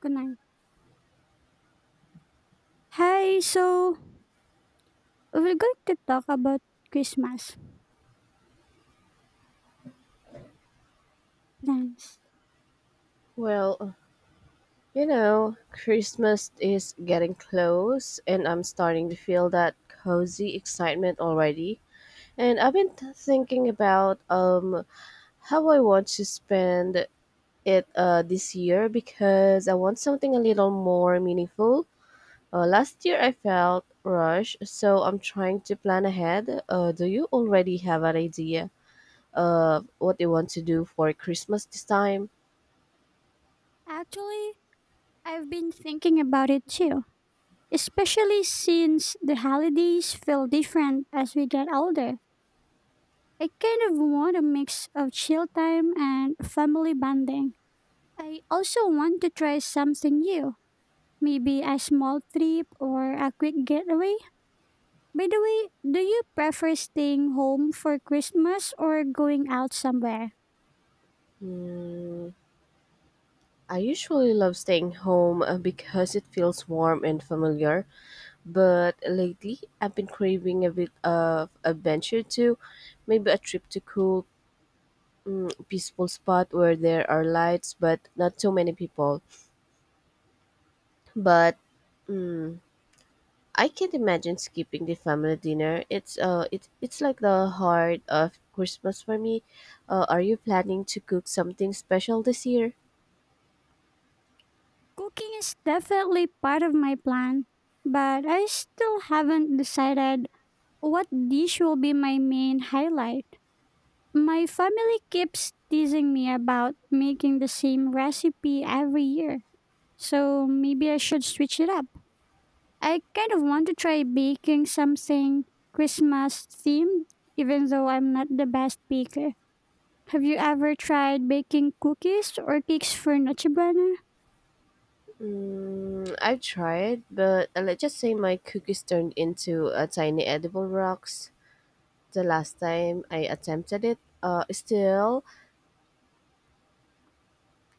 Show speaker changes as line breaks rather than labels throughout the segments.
Good night. Hi, so we're going to talk about Christmas plans.
Well, you know, Christmas is getting close, and I'm starting to feel that cozy excitement already. And I've been thinking about how I want to spend it this year because I want something a little more meaningful. Last year I felt rushed, so I'm trying to plan ahead. Do you already have an idea of what you want to do for Christmas this time?
Actually, I've been thinking about it too, especially since the holidays feel different as we get older. I kind of want a mix of chill time and family bonding. I also want to try something new, maybe a small trip or a quick getaway. By the way, do you prefer staying home for Christmas or going out somewhere?
I usually love staying home because it feels warm and familiar, but lately I've been craving a bit of adventure too. Maybe a trip to cool, peaceful spot where there are lights but not too many people. But I can't imagine skipping the family dinner. It's like the heart of Christmas for me. Are you planning to cook something special this year?
Cooking is definitely part of my plan, but I still haven't decided what dish will be my main highlight. My family keeps teasing me about making the same recipe every year, so maybe I should switch it up. I kind of want to try baking something Christmas themed, even though I'm not the best baker. Have you ever tried baking cookies or cakes for Noche Buena?
Mm, I've tried, but let's just say my cookies turned into a tiny edible rocks the last time I attempted it. Still,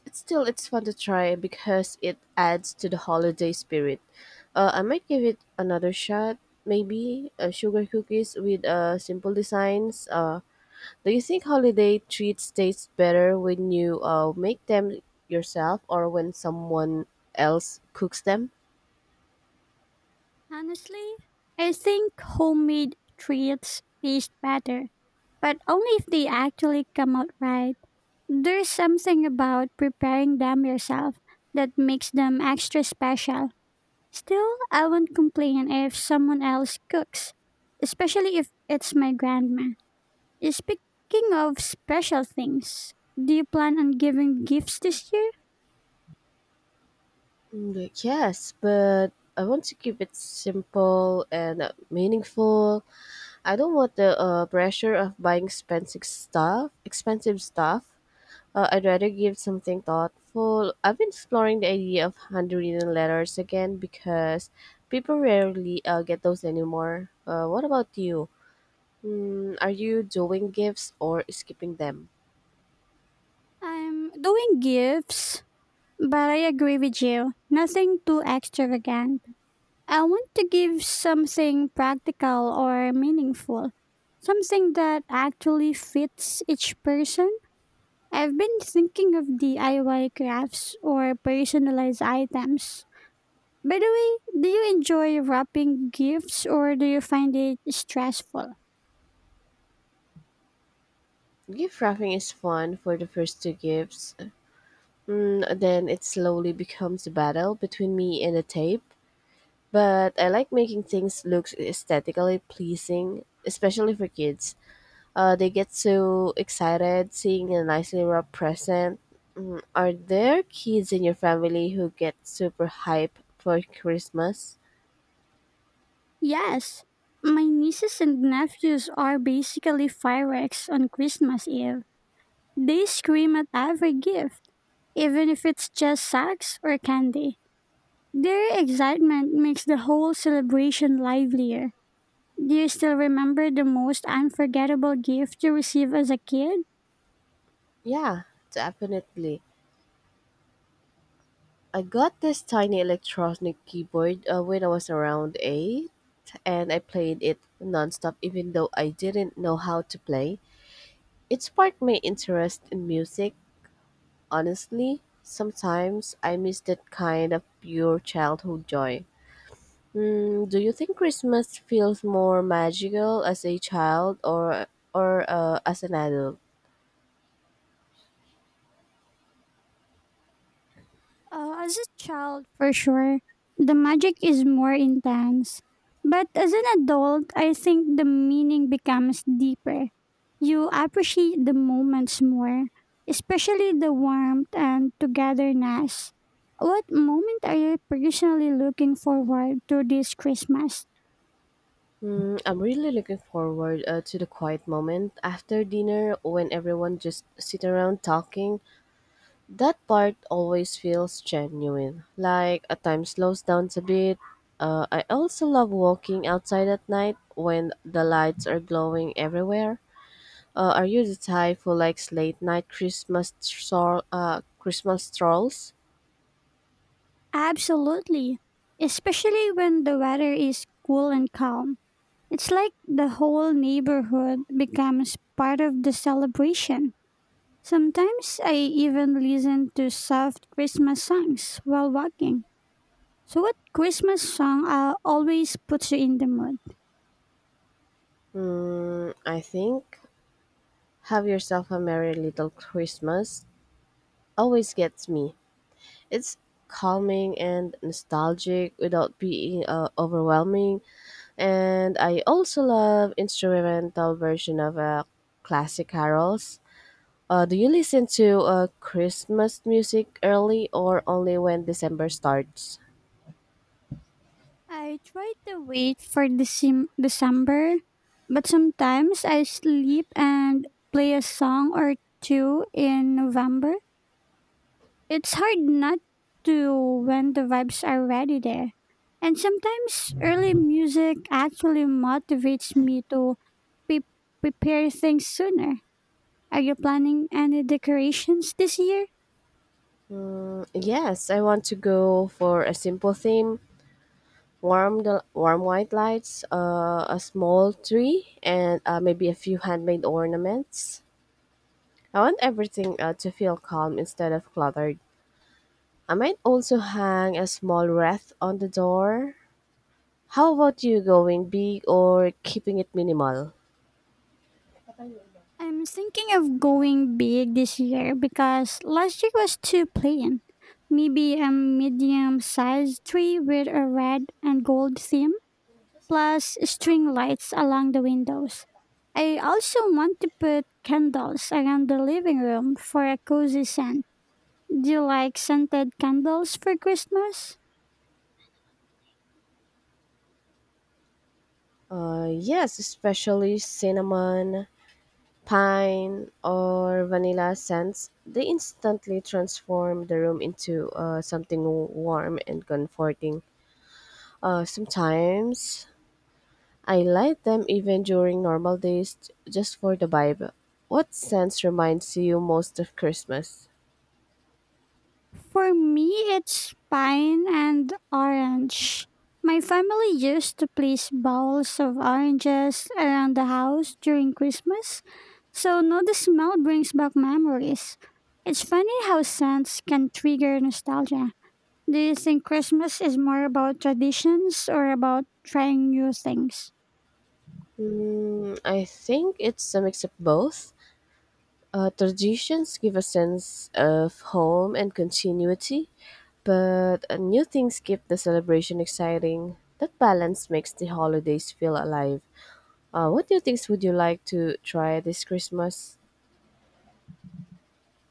it's fun to try because it adds to the holiday spirit. I might give it another shot. Maybe sugar cookies with simple designs. Do you think holiday treats taste better when you make them yourself or when someone else cooks them?
Honestly, I think homemade treats taste better, but only if they actually come out right. There's something about preparing them yourself that makes them extra special. Still, I won't complain if someone else cooks, especially if it's my grandma. Speaking of special things, do you plan on giving gifts this year?
Mm, yes, but I want to keep it simple and meaningful. I don't want the pressure of buying expensive stuff. Expensive stuff. I'd rather give something thoughtful. I've been exploring the idea of handwritten letters again because people rarely get those anymore. What about you? Mm, are you doing gifts or skipping them?
I'm doing gifts, but I agree with you. Nothing too extravagant. I want to give something practical or meaningful, something that actually fits each person. I've been thinking of DIY crafts or personalized items. By the way, do you enjoy wrapping gifts or do you find it stressful?
Gift wrapping is fun for the first two gifts. Mm, then it slowly becomes a battle between me and the tape. But I like making things look aesthetically pleasing, especially for kids. They get so excited seeing a nicely wrapped present. Mm, are there kids in your family who get super hype for Christmas?
Yes. My nieces and nephews are basically fireworks on Christmas Eve. They scream at every gift, even if it's just socks or candy. Their excitement makes the whole celebration livelier. Do you still remember the most unforgettable gift you received as a kid?
Yeah, definitely. I got this tiny electronic keyboard when I was around 8, and I played it nonstop even though I didn't know how to play. It sparked my interest in music, honestly. Sometimes I miss that kind of pure childhood joy. Mm, do you think Christmas feels more magical as a child or as an adult?
As a child, for sure, the magic is more intense. But as an adult, I think the meaning becomes deeper. You appreciate the moments more, especially the warmth and togetherness. What moment are you personally looking forward to this Christmas?
Mm, I'm really looking forward to the quiet moment after dinner when everyone just sit around talking. That part always feels genuine. Like a time slows down a bit. I also love walking outside at night when the lights are glowing everywhere. Are you the type who likes late night Christmas Christmas strolls?
Absolutely. Especially when the weather is cool and calm. It's like the whole neighborhood becomes part of the celebration. Sometimes I even listen to soft Christmas songs while walking. So, what Christmas song always puts you in the mood?
Mm, I think "Have Yourself a Merry Little Christmas" always gets me. It's calming and nostalgic without being overwhelming. And I also love instrumental version of classic carols. Do you listen to Christmas music early or only when December starts?
I try to wait for the December, but sometimes I sleep and play a song or two in November. It's hard not to when the vibes are already there. And sometimes early music actually motivates me to pre- prepare things sooner. Are you planning any decorations this year?
Yes, I want to go for a simple theme: warm, the warm white lights, a small tree, and maybe a few handmade ornaments. I want everything to feel calm instead of cluttered. I might also hang a small wreath on the door. How about you, going big or keeping it minimal?
I'm thinking of going big this year because last year was too plain. Maybe a medium sized tree with a red and gold theme, plus string lights along the windows. I also want to put candles around the living room for a cozy scent. Do you like scented candles for Christmas?
Yes, especially cinnamon, pine, or vanilla scents. They instantly transform the room into something warm and comforting. Sometimes I light them even during normal days just for the vibe. What scents reminds you most of Christmas?
For me, it's pine and orange. My family used to place bowls of oranges around the house during Christmas, so no, the smell brings back memories. It's funny how scents can trigger nostalgia. Do you think Christmas is more about traditions or about trying new things?
Mm, I think it's a mix of both. Traditions give a sense of home and continuity, but new things keep the celebration exciting. That balance makes the holidays feel alive. What new things would you like to try this Christmas?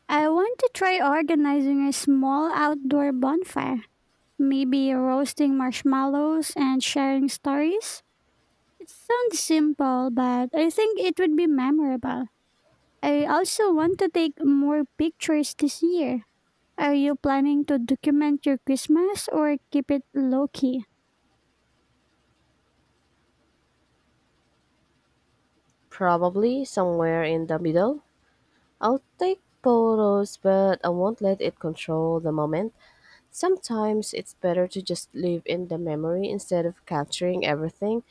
I want to try organizing a small outdoor bonfire, maybe roasting marshmallows and sharing stories. It sounds simple, but I think it would be memorable. I also want to take more pictures this year. Are you planning to document your Christmas or keep it low key?
Probably somewhere in the middle. I'll take photos, but I won't let it control the moment. Sometimes it's better to just live in the memory instead of capturing everything.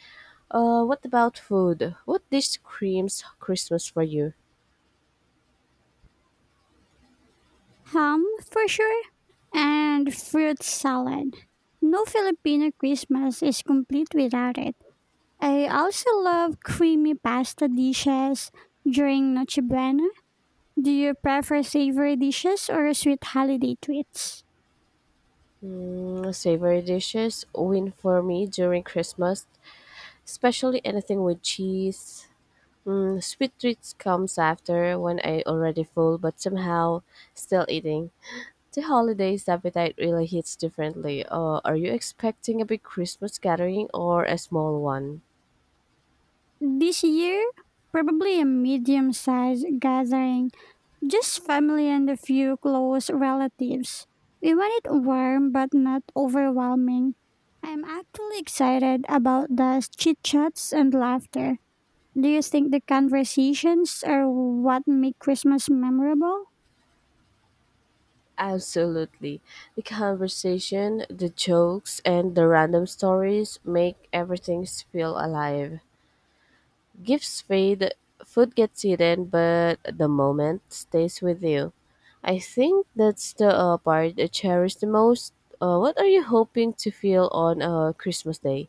What about food? What dish screams Christmas for you?
Ham, for sure, and fruit salad. No Filipino Christmas is complete without it. I also love creamy pasta dishes during Noche Buena. Do you prefer savory dishes or sweet holiday treats?
Mm, savory dishes win for me during Christmas, especially anything with cheese. Mm, sweet treats comes after when I already full but somehow still eating. The holidays appetite really hits differently. Are you expecting a big Christmas gathering or a small one?
This year, probably a medium sized gathering, just family and a few close relatives. We want it warm but not overwhelming. I'm actually excited about the chit chats and laughter. Do you think the conversations are what make Christmas memorable?
Absolutely. The conversation, the jokes, and the random stories make everything feel alive. Gifts fade, food gets eaten, but the moment stays with you. I think that's the part I cherish the most. What are you hoping to feel on Christmas Day?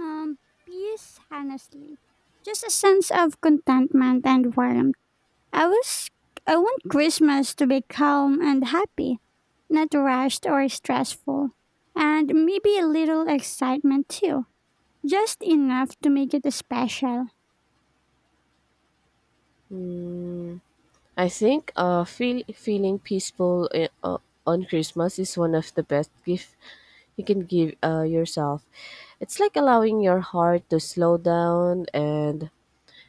Um, Peace, honestly. Just a sense of contentment and warmth. I was I want Christmas to be calm and happy, not rushed or stressful. And maybe a little excitement too. Just enough to make it special.
Hmm, I think feeling peaceful on Christmas is one of the best gifts you can give yourself. It's like allowing your heart to slow down and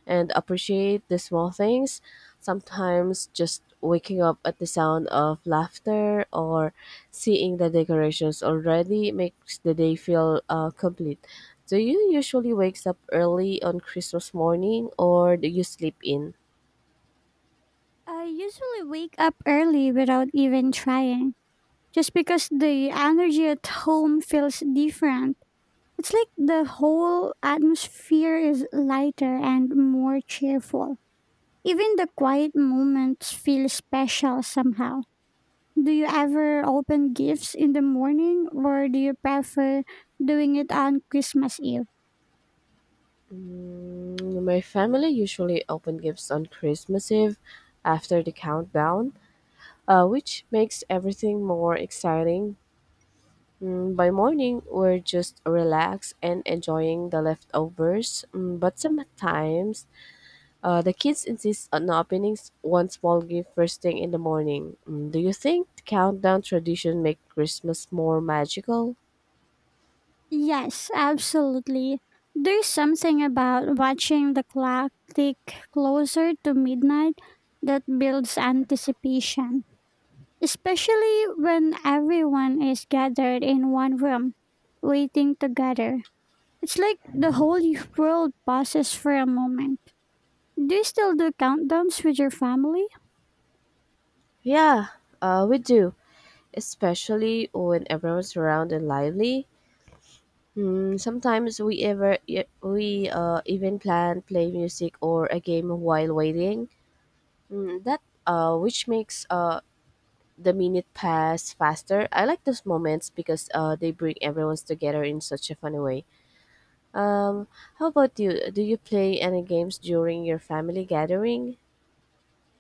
and appreciate the small things. Sometimes just waking up at the sound of laughter or seeing the decorations already makes the day feel complete. Do you usually wakes up early on Christmas morning or do you sleep in?
I usually wake up early without even trying, just because the energy at home feels different. It's like the whole atmosphere is lighter and more cheerful. Even the quiet moments feel special somehow. Do you ever open gifts in the morning or do you prefer doing it on Christmas Eve?
Mm, my family usually open gifts on Christmas Eve after the countdown, which makes everything more exciting. Mm, by morning, we're just relaxed and enjoying the leftovers. Mm, but sometimes, the kids insist on opening one small gift first thing in the morning. Mm, do you think the countdown tradition make Christmas more magical?
Yes, absolutely. There's something about watching the clock tick closer to midnight that builds anticipation, especially when everyone is gathered in one room, waiting together. It's like the whole world pauses for a moment. Do you still do countdowns with your family?
Yeah, we do, especially when everyone's around and lively. Hmm, sometimes we even plan play music or a game while waiting. Hmm, that which makes the minute pass faster. I like those moments because they bring everyone's together in such a funny way. Um, how about you? Do you play any games during your family gathering?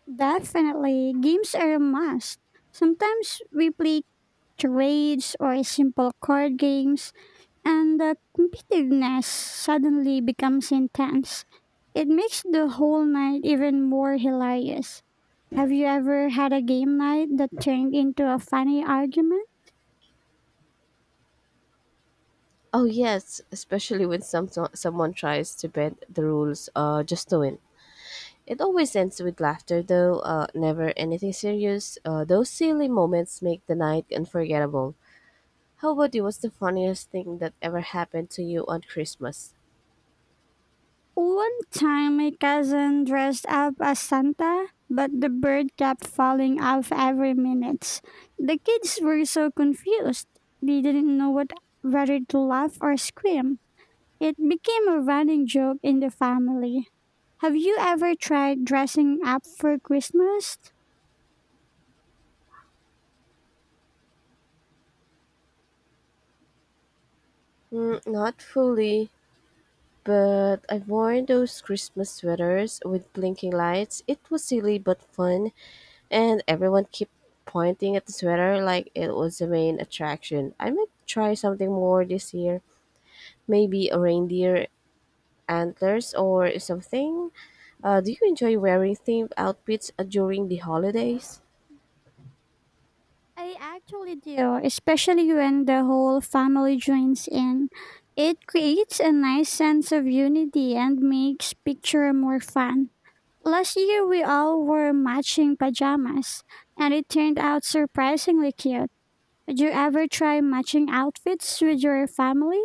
Definitely, games are a must. Sometimes we play charades or simple card games, and the competitiveness suddenly becomes intense. It makes the whole night even more hilarious. Have you ever had a game night that turned into a funny argument?
Oh yes, especially when someone tries to bend the rules just to win. It always ends with laughter, though never anything serious. Those silly moments make the night unforgettable. How about you? What's the funniest thing that ever happened to you on Christmas?
One time, my cousin dressed up as Santa, but the bird kept falling off every minute. The kids were so confused. They didn't know what whether to laugh or scream. It became a running joke in the family. Have you ever tried dressing up for Christmas?
Mm, not fully. But I have worn those Christmas sweaters with blinking lights. It was silly but fun, and everyone kept pointing at the sweater like it was the main attraction. I might try something more this year. Maybe a reindeer antlers or something. Do you enjoy wearing themed outfits during the holidays?
I actually do, especially when the whole family joins in. It creates a nice sense of unity and makes picture more fun. Last year we all wore matching pajamas and it turned out surprisingly cute. Did you ever try matching outfits with your family?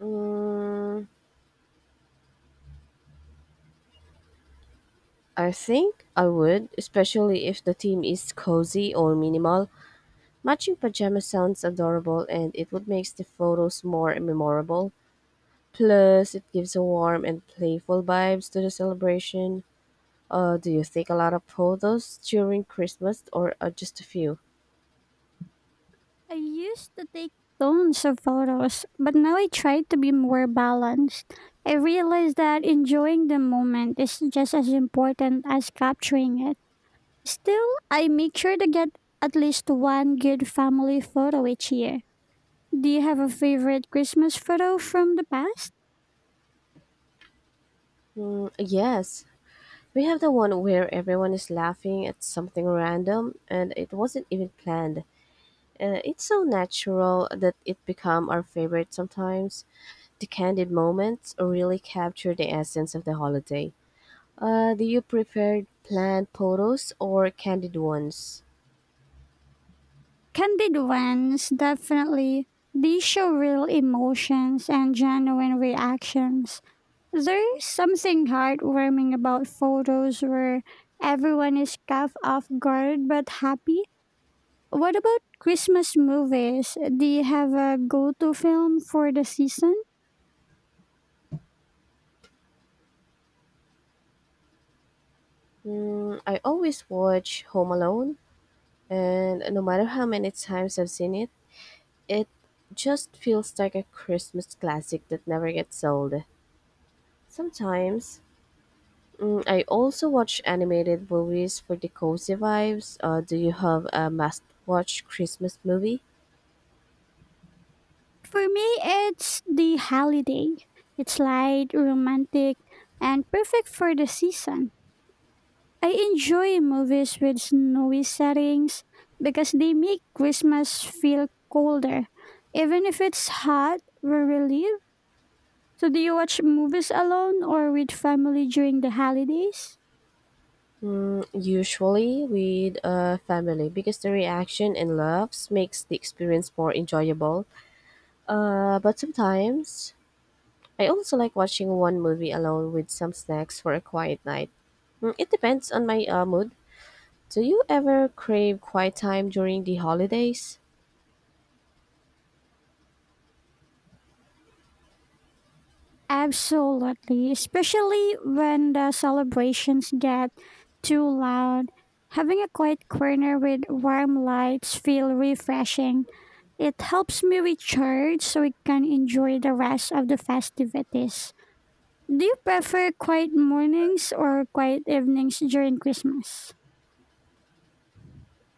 Mm, I think I would, especially if the theme is cozy or minimal. Matching pajamas sounds adorable and it would make the photos more memorable. Plus, it gives a warm and playful vibes to the celebration. Do you take a lot of photos during Christmas or just a few?
I used to take tons of photos, but now I try to be more balanced. I realize that enjoying the moment is just as important as capturing it. Still, I make sure to get at least one good family photo each year. Do you have a favorite Christmas photo from the past?
Mm, yes, we have the one where everyone is laughing at something random and it wasn't even planned. It's so natural that it become our favorite sometimes. The candid moments really capture the essence of the holiday. Do you prefer planned photos or candid ones?
Candid ones, definitely. These show real emotions and genuine reactions. There's something heartwarming about photos where everyone is caught off guard but happy. What about Christmas movies? Do you have a go to film for the season?
Mm, I always watch Home Alone, and no matter how many times I've seen it, it just feels like a Christmas classic that never gets old. Sometimes, I also watch animated movies for the cozy vibes. Do you have a must watch Christmas movie?
For me, it's the holiday. It's light, romantic, and perfect for the season. I enjoy movies with snowy settings because they make Christmas feel colder, even if it's hot where we live. So, do you watch movies alone or with family during the holidays?
Mm, usually with a family because the reaction and laughs makes the experience more enjoyable. But sometimes I also like watching one movie alone with some snacks for a quiet night. Mm, it depends on my mood. Do you ever crave quiet time during the holidays?
Absolutely, especially when the celebrations get too loud. Having a quiet corner with warm lights feel refreshing. It helps me recharge so I can enjoy the rest of the festivities. Do you prefer quiet mornings or quiet evenings during Christmas?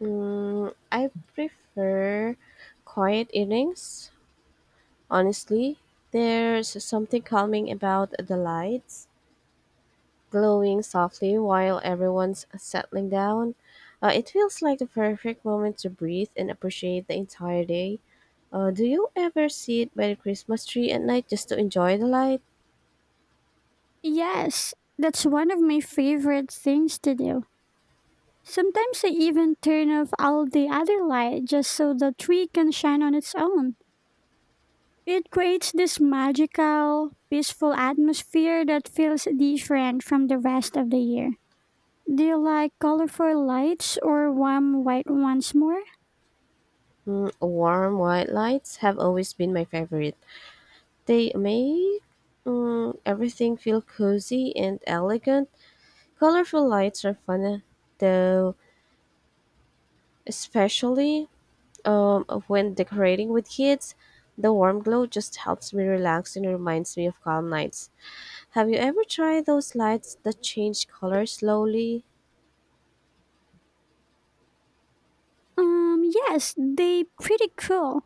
Mm, I prefer quiet evenings, honestly. There's something calming about the lights glowing softly while everyone's settling down. It feels like the perfect moment to breathe and appreciate the entire day. Do you ever sit by the Christmas tree at night just to enjoy the light?
Yes, that's one of my favorite things to do. Sometimes I even turn off all the other light just so the tree can shine on its own. It creates this magical, peaceful atmosphere that feels different from the rest of the year. Do you like colorful lights or warm white ones more?
Mm, warm white lights have always been my favorite. They make everything feel cozy and elegant. Colorful lights are fun, though, especially when decorating with kids, the warm glow just helps me relax and reminds me of calm nights. Have you ever tried those lights that change color slowly?
Yes, they pretty cool,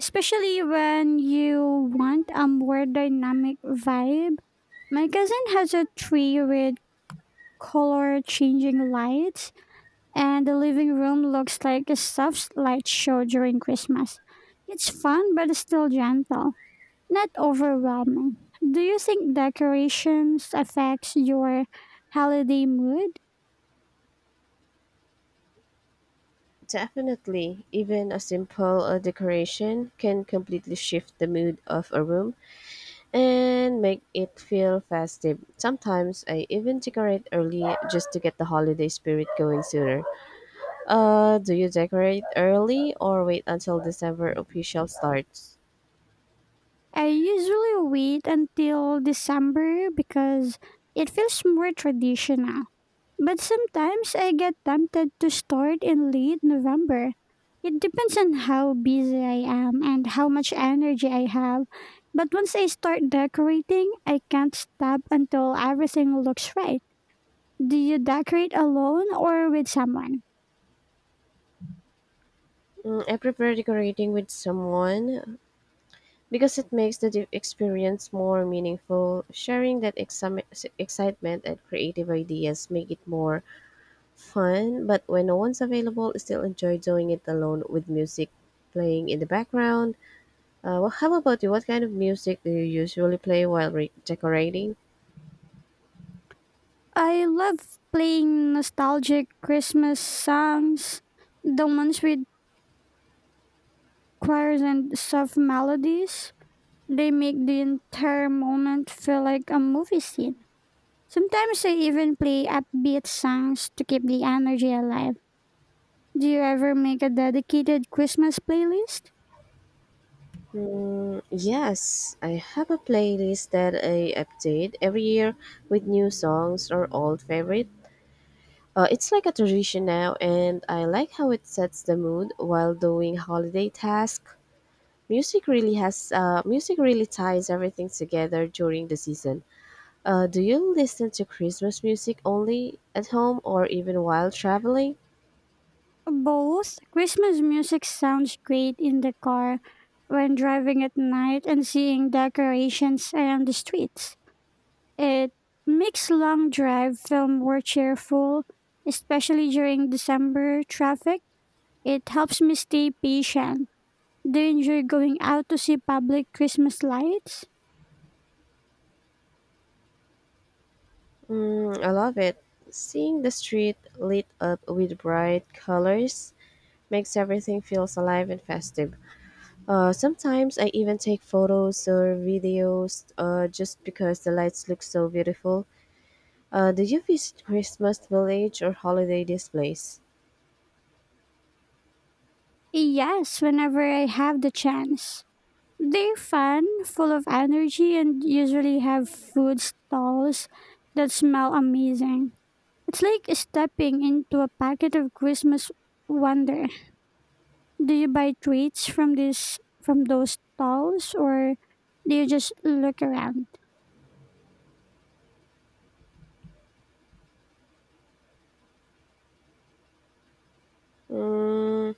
especially when you want a more dynamic vibe. My cousin has a tree with color changing lights, and the living room looks like a soft light show during Christmas. It's fun but still gentle. Not overwhelming. Do you think decorations affects your holiday mood?
Definitely. Even a simple decoration can completely shift the mood of a room and make it feel festive. Sometimes I even decorate early just to get the holiday spirit going sooner. Do you decorate early or wait until December official starts?
I usually wait until December because it feels more traditional. But sometimes I get tempted to start in late November. It depends on how busy I am and how much energy I have. But once I start decorating, I can't stop until everything looks right. Do you decorate alone or with someone?
Mm, I prefer decorating with someone because it makes the experience more meaningful. Sharing that excitement and creative ideas make it more fun, but when no one's available, I still enjoy doing it alone with music playing in the background. Well, how about you? What kind of music do you usually play while decorating?
I love playing nostalgic Christmas songs, the ones with choirs and soft melodies. They make the entire moment feel like a movie scene. Sometimes I even play upbeat songs to keep the energy alive. Do you ever make a dedicated Christmas playlist?
Mm, yes, I have a playlist that I update every year with new songs or old favorites. It's like a tradition now, and I like how it sets the mood while doing holiday tasks. Music really ties everything together during the season. Do you listen to Christmas music only at home or even while traveling?
Both. Christmas music sounds great in the car when driving at night and seeing decorations around the streets. It makes long drive film more cheerful, especially during December traffic. It helps me stay patient. Do you enjoy going out to see public Christmas lights?
Mm, I love it. Seeing the street lit up with bright colors makes everything feels alive and festive. Sometimes I even take photos or videos just because the lights look so beautiful. Do you visit Christmas village or holiday displays?
Yes, whenever I have the chance. They're fun, full of energy, and usually have food stalls that smell amazing. It's like stepping into a packet of Christmas wonder. Do you buy treats from this from those stalls or do you just look around?
Mm,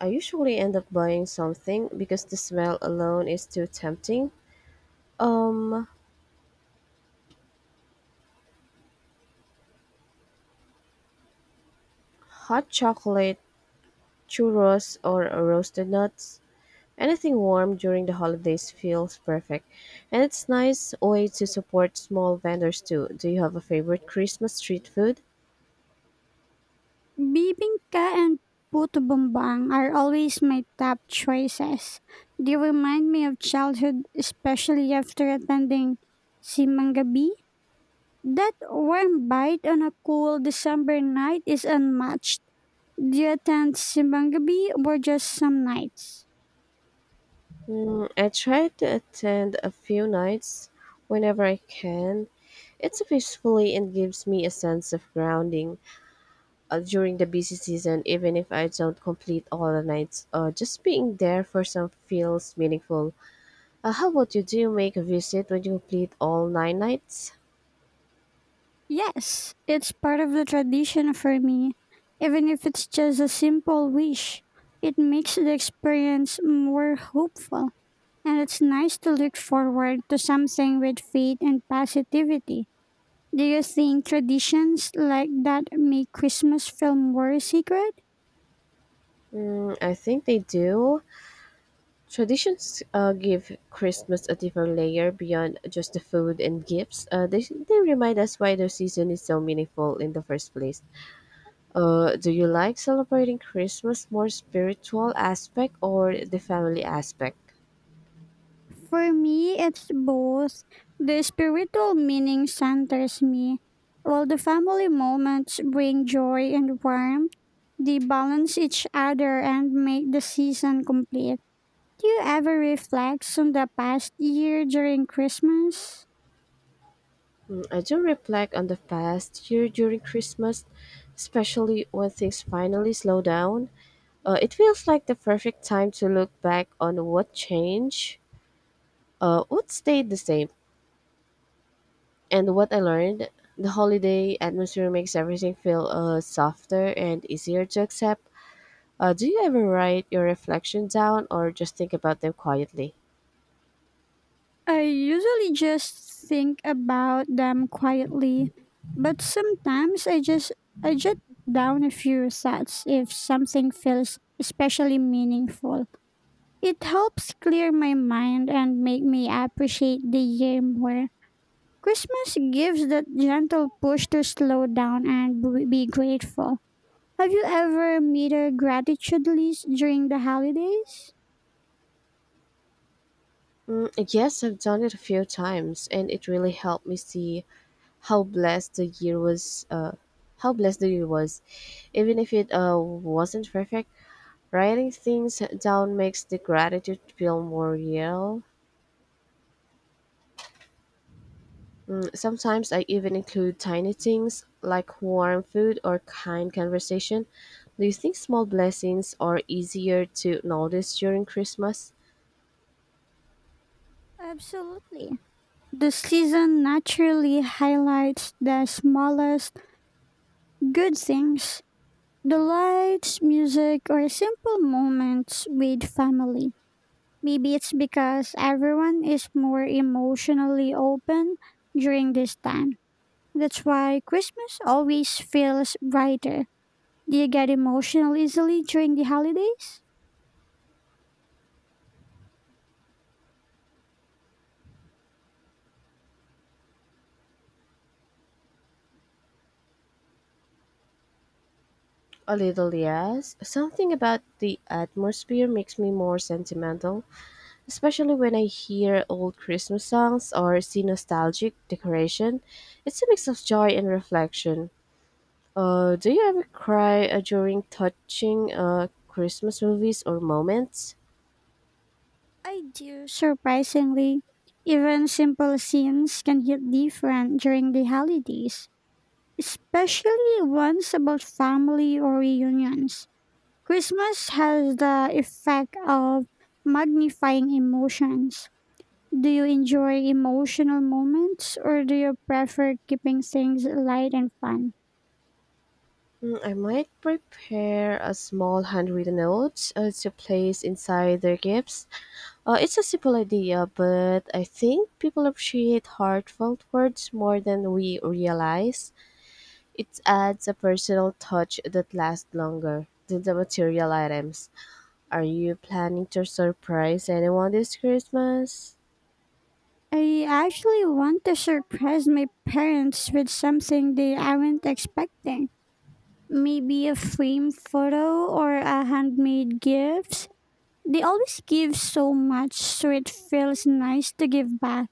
I usually end up buying something because the smell alone is too tempting. Um, Hot chocolate, churros, or roasted nuts. Anything warm during the holidays feels perfect, and it's nice way to support small vendors too. Do you have a favorite Christmas street food?
Bibingka and puto bumbang are always my top choices. They remind me of childhood, especially after attending Simangabi. That warm bite on a cool December night is unmatched. Do you attend Simangabi or just some nights?
I try to attend a few nights whenever I can. It's peacefully and gives me a sense of grounding during the busy season, even if I don't complete all the nights. Just being there for some feels meaningful. How about you? Do you make a visit when you complete all nine nights?
Yes, it's part of the tradition for me. Even if it's just a simple wish, it makes the experience more hopeful. And it's nice to look forward to something with faith and positivity. Do you think traditions like that make Christmas feel more sacred?
I think they do. Traditions give Christmas a different layer beyond just the food and gifts. They remind us why the season is so meaningful in the first place. Do you like celebrating Christmas more spiritual aspect or the family aspect?
For me, it's both. The spiritual meaning centers me, while the family moments bring joy and warmth. They balance each other and make the season complete. Do you ever reflect on the past year during Christmas?
I do reflect on the past year during Christmas, especially when things finally slow down. It feels like the perfect time to look back on what changed, what stayed the same, and what I learned. The holiday atmosphere makes everything feel softer and easier to accept. Do you ever write your reflections down or just think about them quietly?
I usually just think about them quietly, but sometimes I jot down a few thoughts if something feels especially meaningful. It helps clear my mind and make me appreciate the year more. Christmas gives that gentle push to slow down and be grateful. Have you ever made a gratitude list during the holidays?
Mm, yes, I've done it a few times, and it really helped me see how blessed the year was. Uh, how blessed the year was, even if it wasn't perfect. Writing things down makes the gratitude feel more real. Mm, sometimes I even include tiny things like warm food or kind conversation. Do you think small blessings are easier to notice during Christmas?
Absolutely. The season naturally highlights the smallest good things, the lights, music, or simple moments with family. Maybe it's because everyone is more emotionally open during this time. That's why Christmas always feels brighter. Do you get emotional easily during the holidays?
A little, yes. Something about the atmosphere makes me more sentimental, especially when I hear old Christmas songs or see nostalgic decoration. It's a mix of joy and reflection. Do you ever cry during touching Christmas movies or moments?
I do, surprisingly. Even simple scenes can hit different during the holidays, especially ones about family or reunions. Christmas has the effect of magnifying emotions. Do you enjoy emotional moments, or do you prefer keeping things light and fun?
I might prepare a small handwritten note to place inside their gifts. It's a simple idea, but I think people appreciate heartfelt words more than we realize. It adds a personal touch that lasts longer than the material items. Are you planning to surprise anyone this Christmas?
I actually want to surprise my parents with something they aren't expecting. Maybe a framed photo or a handmade gift. They always give so much, so it feels nice to give back.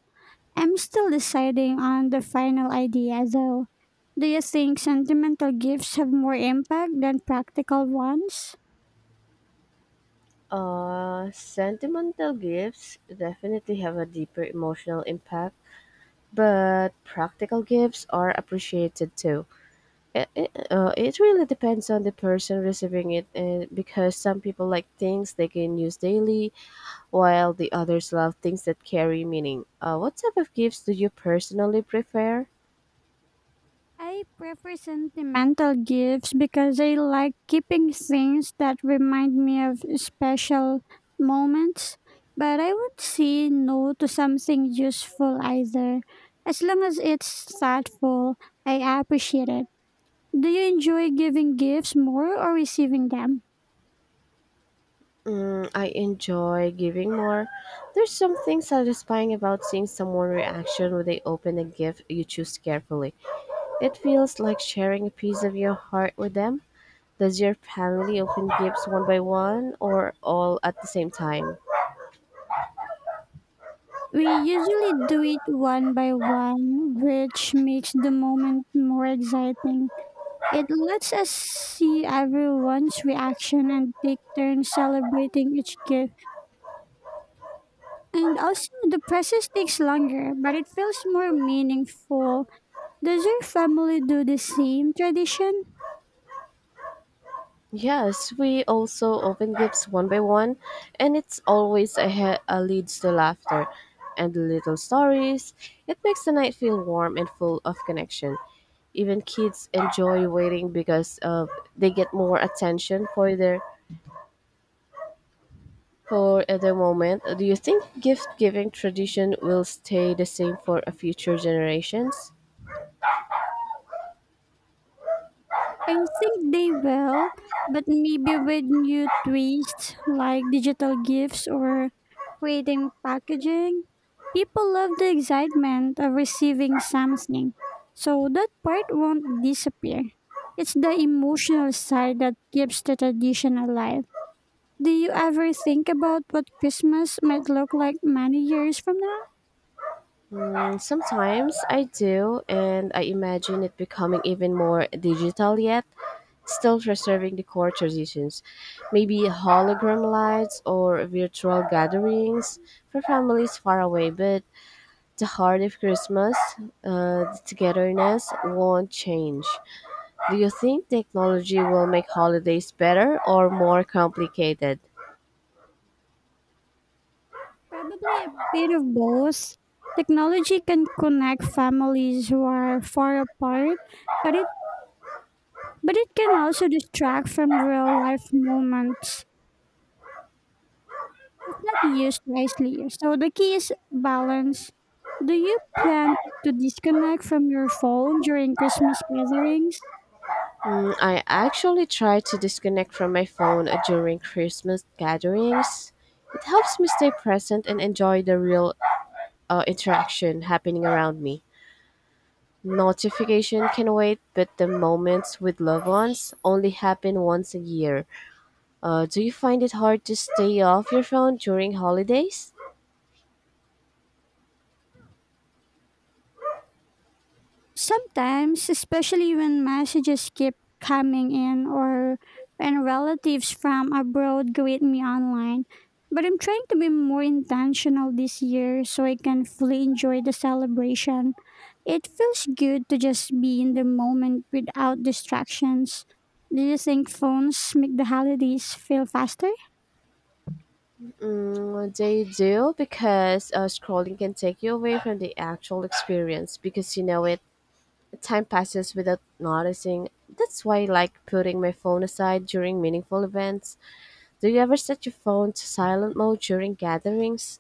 I'm still deciding on the final idea though. Do you think sentimental gifts have more impact than practical ones?
Sentimental gifts definitely have a deeper emotional impact, but practical gifts are appreciated too. It really depends on the person receiving it, and because some people like things they can use daily, while the others love things that carry meaning. What type of gifts do you personally prefer?
I prefer sentimental gifts because I like keeping things that remind me of special moments. But I would say no to something useful either. As long as it's thoughtful, I appreciate it. Do you enjoy giving gifts more or receiving them?
I enjoy giving more. There's something satisfying about seeing someone reaction when they open a gift you choose carefully. It feels like sharing a piece of your heart with them. Does your family open gifts one by one or all at the same time?
We usually do it one by one, which makes the moment more exciting. It lets us see everyone's reaction and take turns celebrating each gift. And also, the process takes longer, but it feels more meaningful. Does your family do the same tradition?
Yes, we also open gifts one by one, and it's always a leads to laughter and little stories. It makes the night feel warm and full of connection. Even kids enjoy waiting because they get more attention for their moment. Do you think gift giving tradition will stay the same for future generations?
I think they will, but maybe with new twists like digital gifts or creating packaging. People love the excitement of receiving something, so that part won't disappear. It's the emotional side that keeps the tradition alive. Do you ever think about what Christmas might look like many years from now?
Sometimes I do, and I imagine it becoming even more digital yet, still preserving the core traditions. Maybe hologram lights or virtual gatherings for families far away, but the heart of Christmas, the togetherness, won't change. Do you think technology will make holidays better or more complicated?
Probably a bit of both. Technology can connect families who are far apart, but it but it can also distract from real life moments if not used wisely. So the key is balance. Do you plan to disconnect from your phone during Christmas gatherings?
I actually try to disconnect from my phone during Christmas gatherings. It helps me stay present and enjoy the real interaction happening around me. Notification can wait, but the moments with loved ones only happen once a year. Do you find it hard to stay off your phone during holidays?
Sometimes, especially when messages keep coming in or when relatives from abroad greet me online. But I'm trying to be more intentional this year so I can fully enjoy the celebration. It feels good to just be in the moment without distractions. Do you think phones make the holidays feel faster?
They do because scrolling can take you away from the actual experience because it. Time passes without noticing. That's why I like putting my phone aside during meaningful events. Do you ever set your phone to silent mode during gatherings?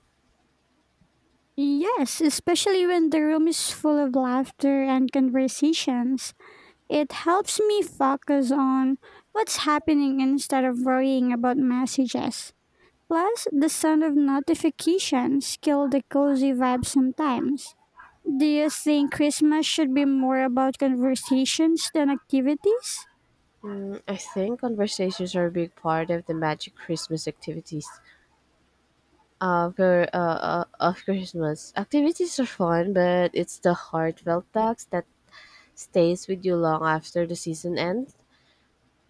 Yes, especially when the room is full of laughter and conversations. It helps me focus on what's happening instead of worrying about messages. Plus, the sound of notifications kill the cozy vibe sometimes. Do you think Christmas should be more about conversations than activities?
I think conversations are a big part of the magic Christmas activities. Of Christmas. Activities are fun, but it's the heartfelt talks that stays with you long after the season ends.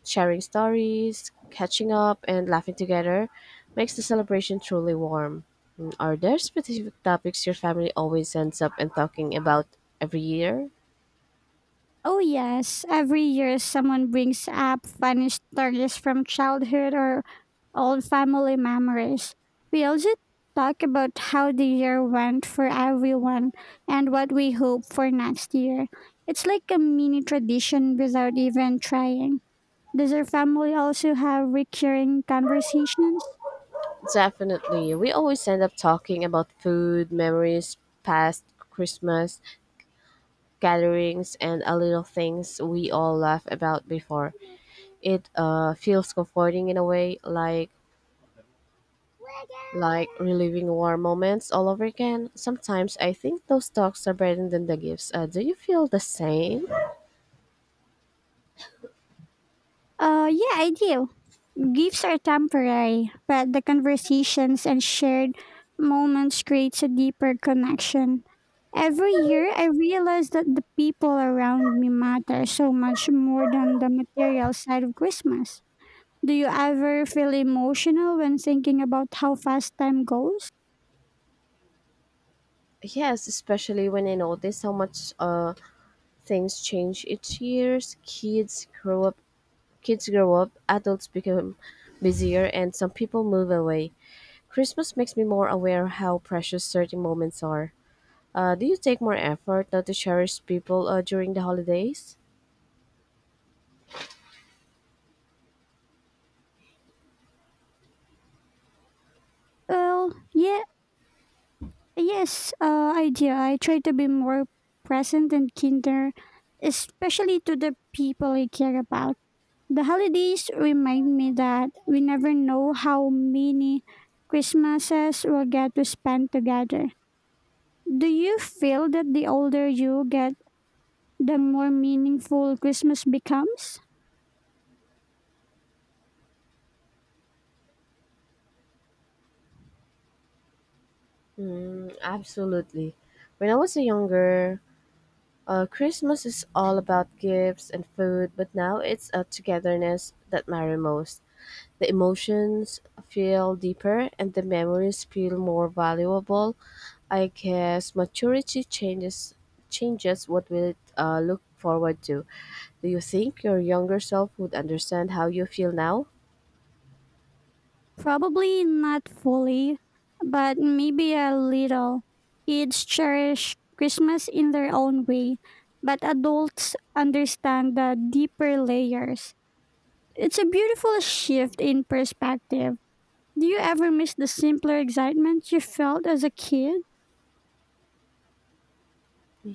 Sharing stories, catching up, and laughing together makes the celebration truly warm. Mm, are there specific topics your family always ends up and talking about every year?
Oh, yes. Every year, someone brings up funny stories from childhood or old family memories. We also talk about how the year went for everyone and what we hope for next year. It's like a mini tradition without even trying. Does your family also have recurring conversations?
Definitely. We always end up talking about food, memories, past Christmas gatherings, and a little things we all laugh about before. It feels comforting in a way, like reliving warm moments all over again. Sometimes I think those talks are better than the gifts. Do you feel the same?
Yeah, I do. Gifts are temporary, but the conversations and shared moments creates a deeper connection. Every year, I realize that the people around me matter so much more than the material side of Christmas. Do you ever feel emotional when thinking about how fast time goes?
Yes, especially when I notice how much things change each year. Kids grow up, kids grow up, adults become busier, and some people move away. Christmas makes me more aware how precious certain moments are. Do you take more effort not to cherish people during the holidays?
Well, yeah, yes, I do. I try to be more present and kinder, especially to the people I care about. The holidays remind me that we never know how many Christmases we'll get to spend together. Do you feel that the older you get, the more meaningful Christmas becomes?
Mm, absolutely. When I was younger, Christmas is all about gifts and food, but now it's a togetherness that matters most. The emotions feel deeper and the memories feel more valuable. I guess maturity changes what we look forward to. Do you think your younger self would understand how you feel now?
Probably not fully, but maybe a little. Kids cherish Christmas in their own way, but adults understand the deeper layers. It's a beautiful shift in perspective. Do you ever miss the simpler excitement you felt as a kid?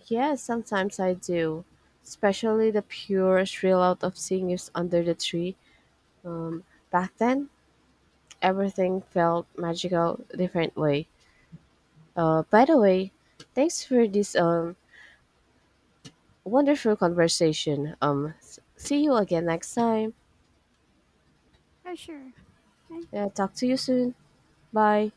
Yes, sometimes I do. Especially the pure thrill out of seeing you under the tree. Back then, everything felt magical, different way. By the way, thanks for this wonderful conversation. See you again next time.
Oh, sure. I
Talk to you soon. Bye.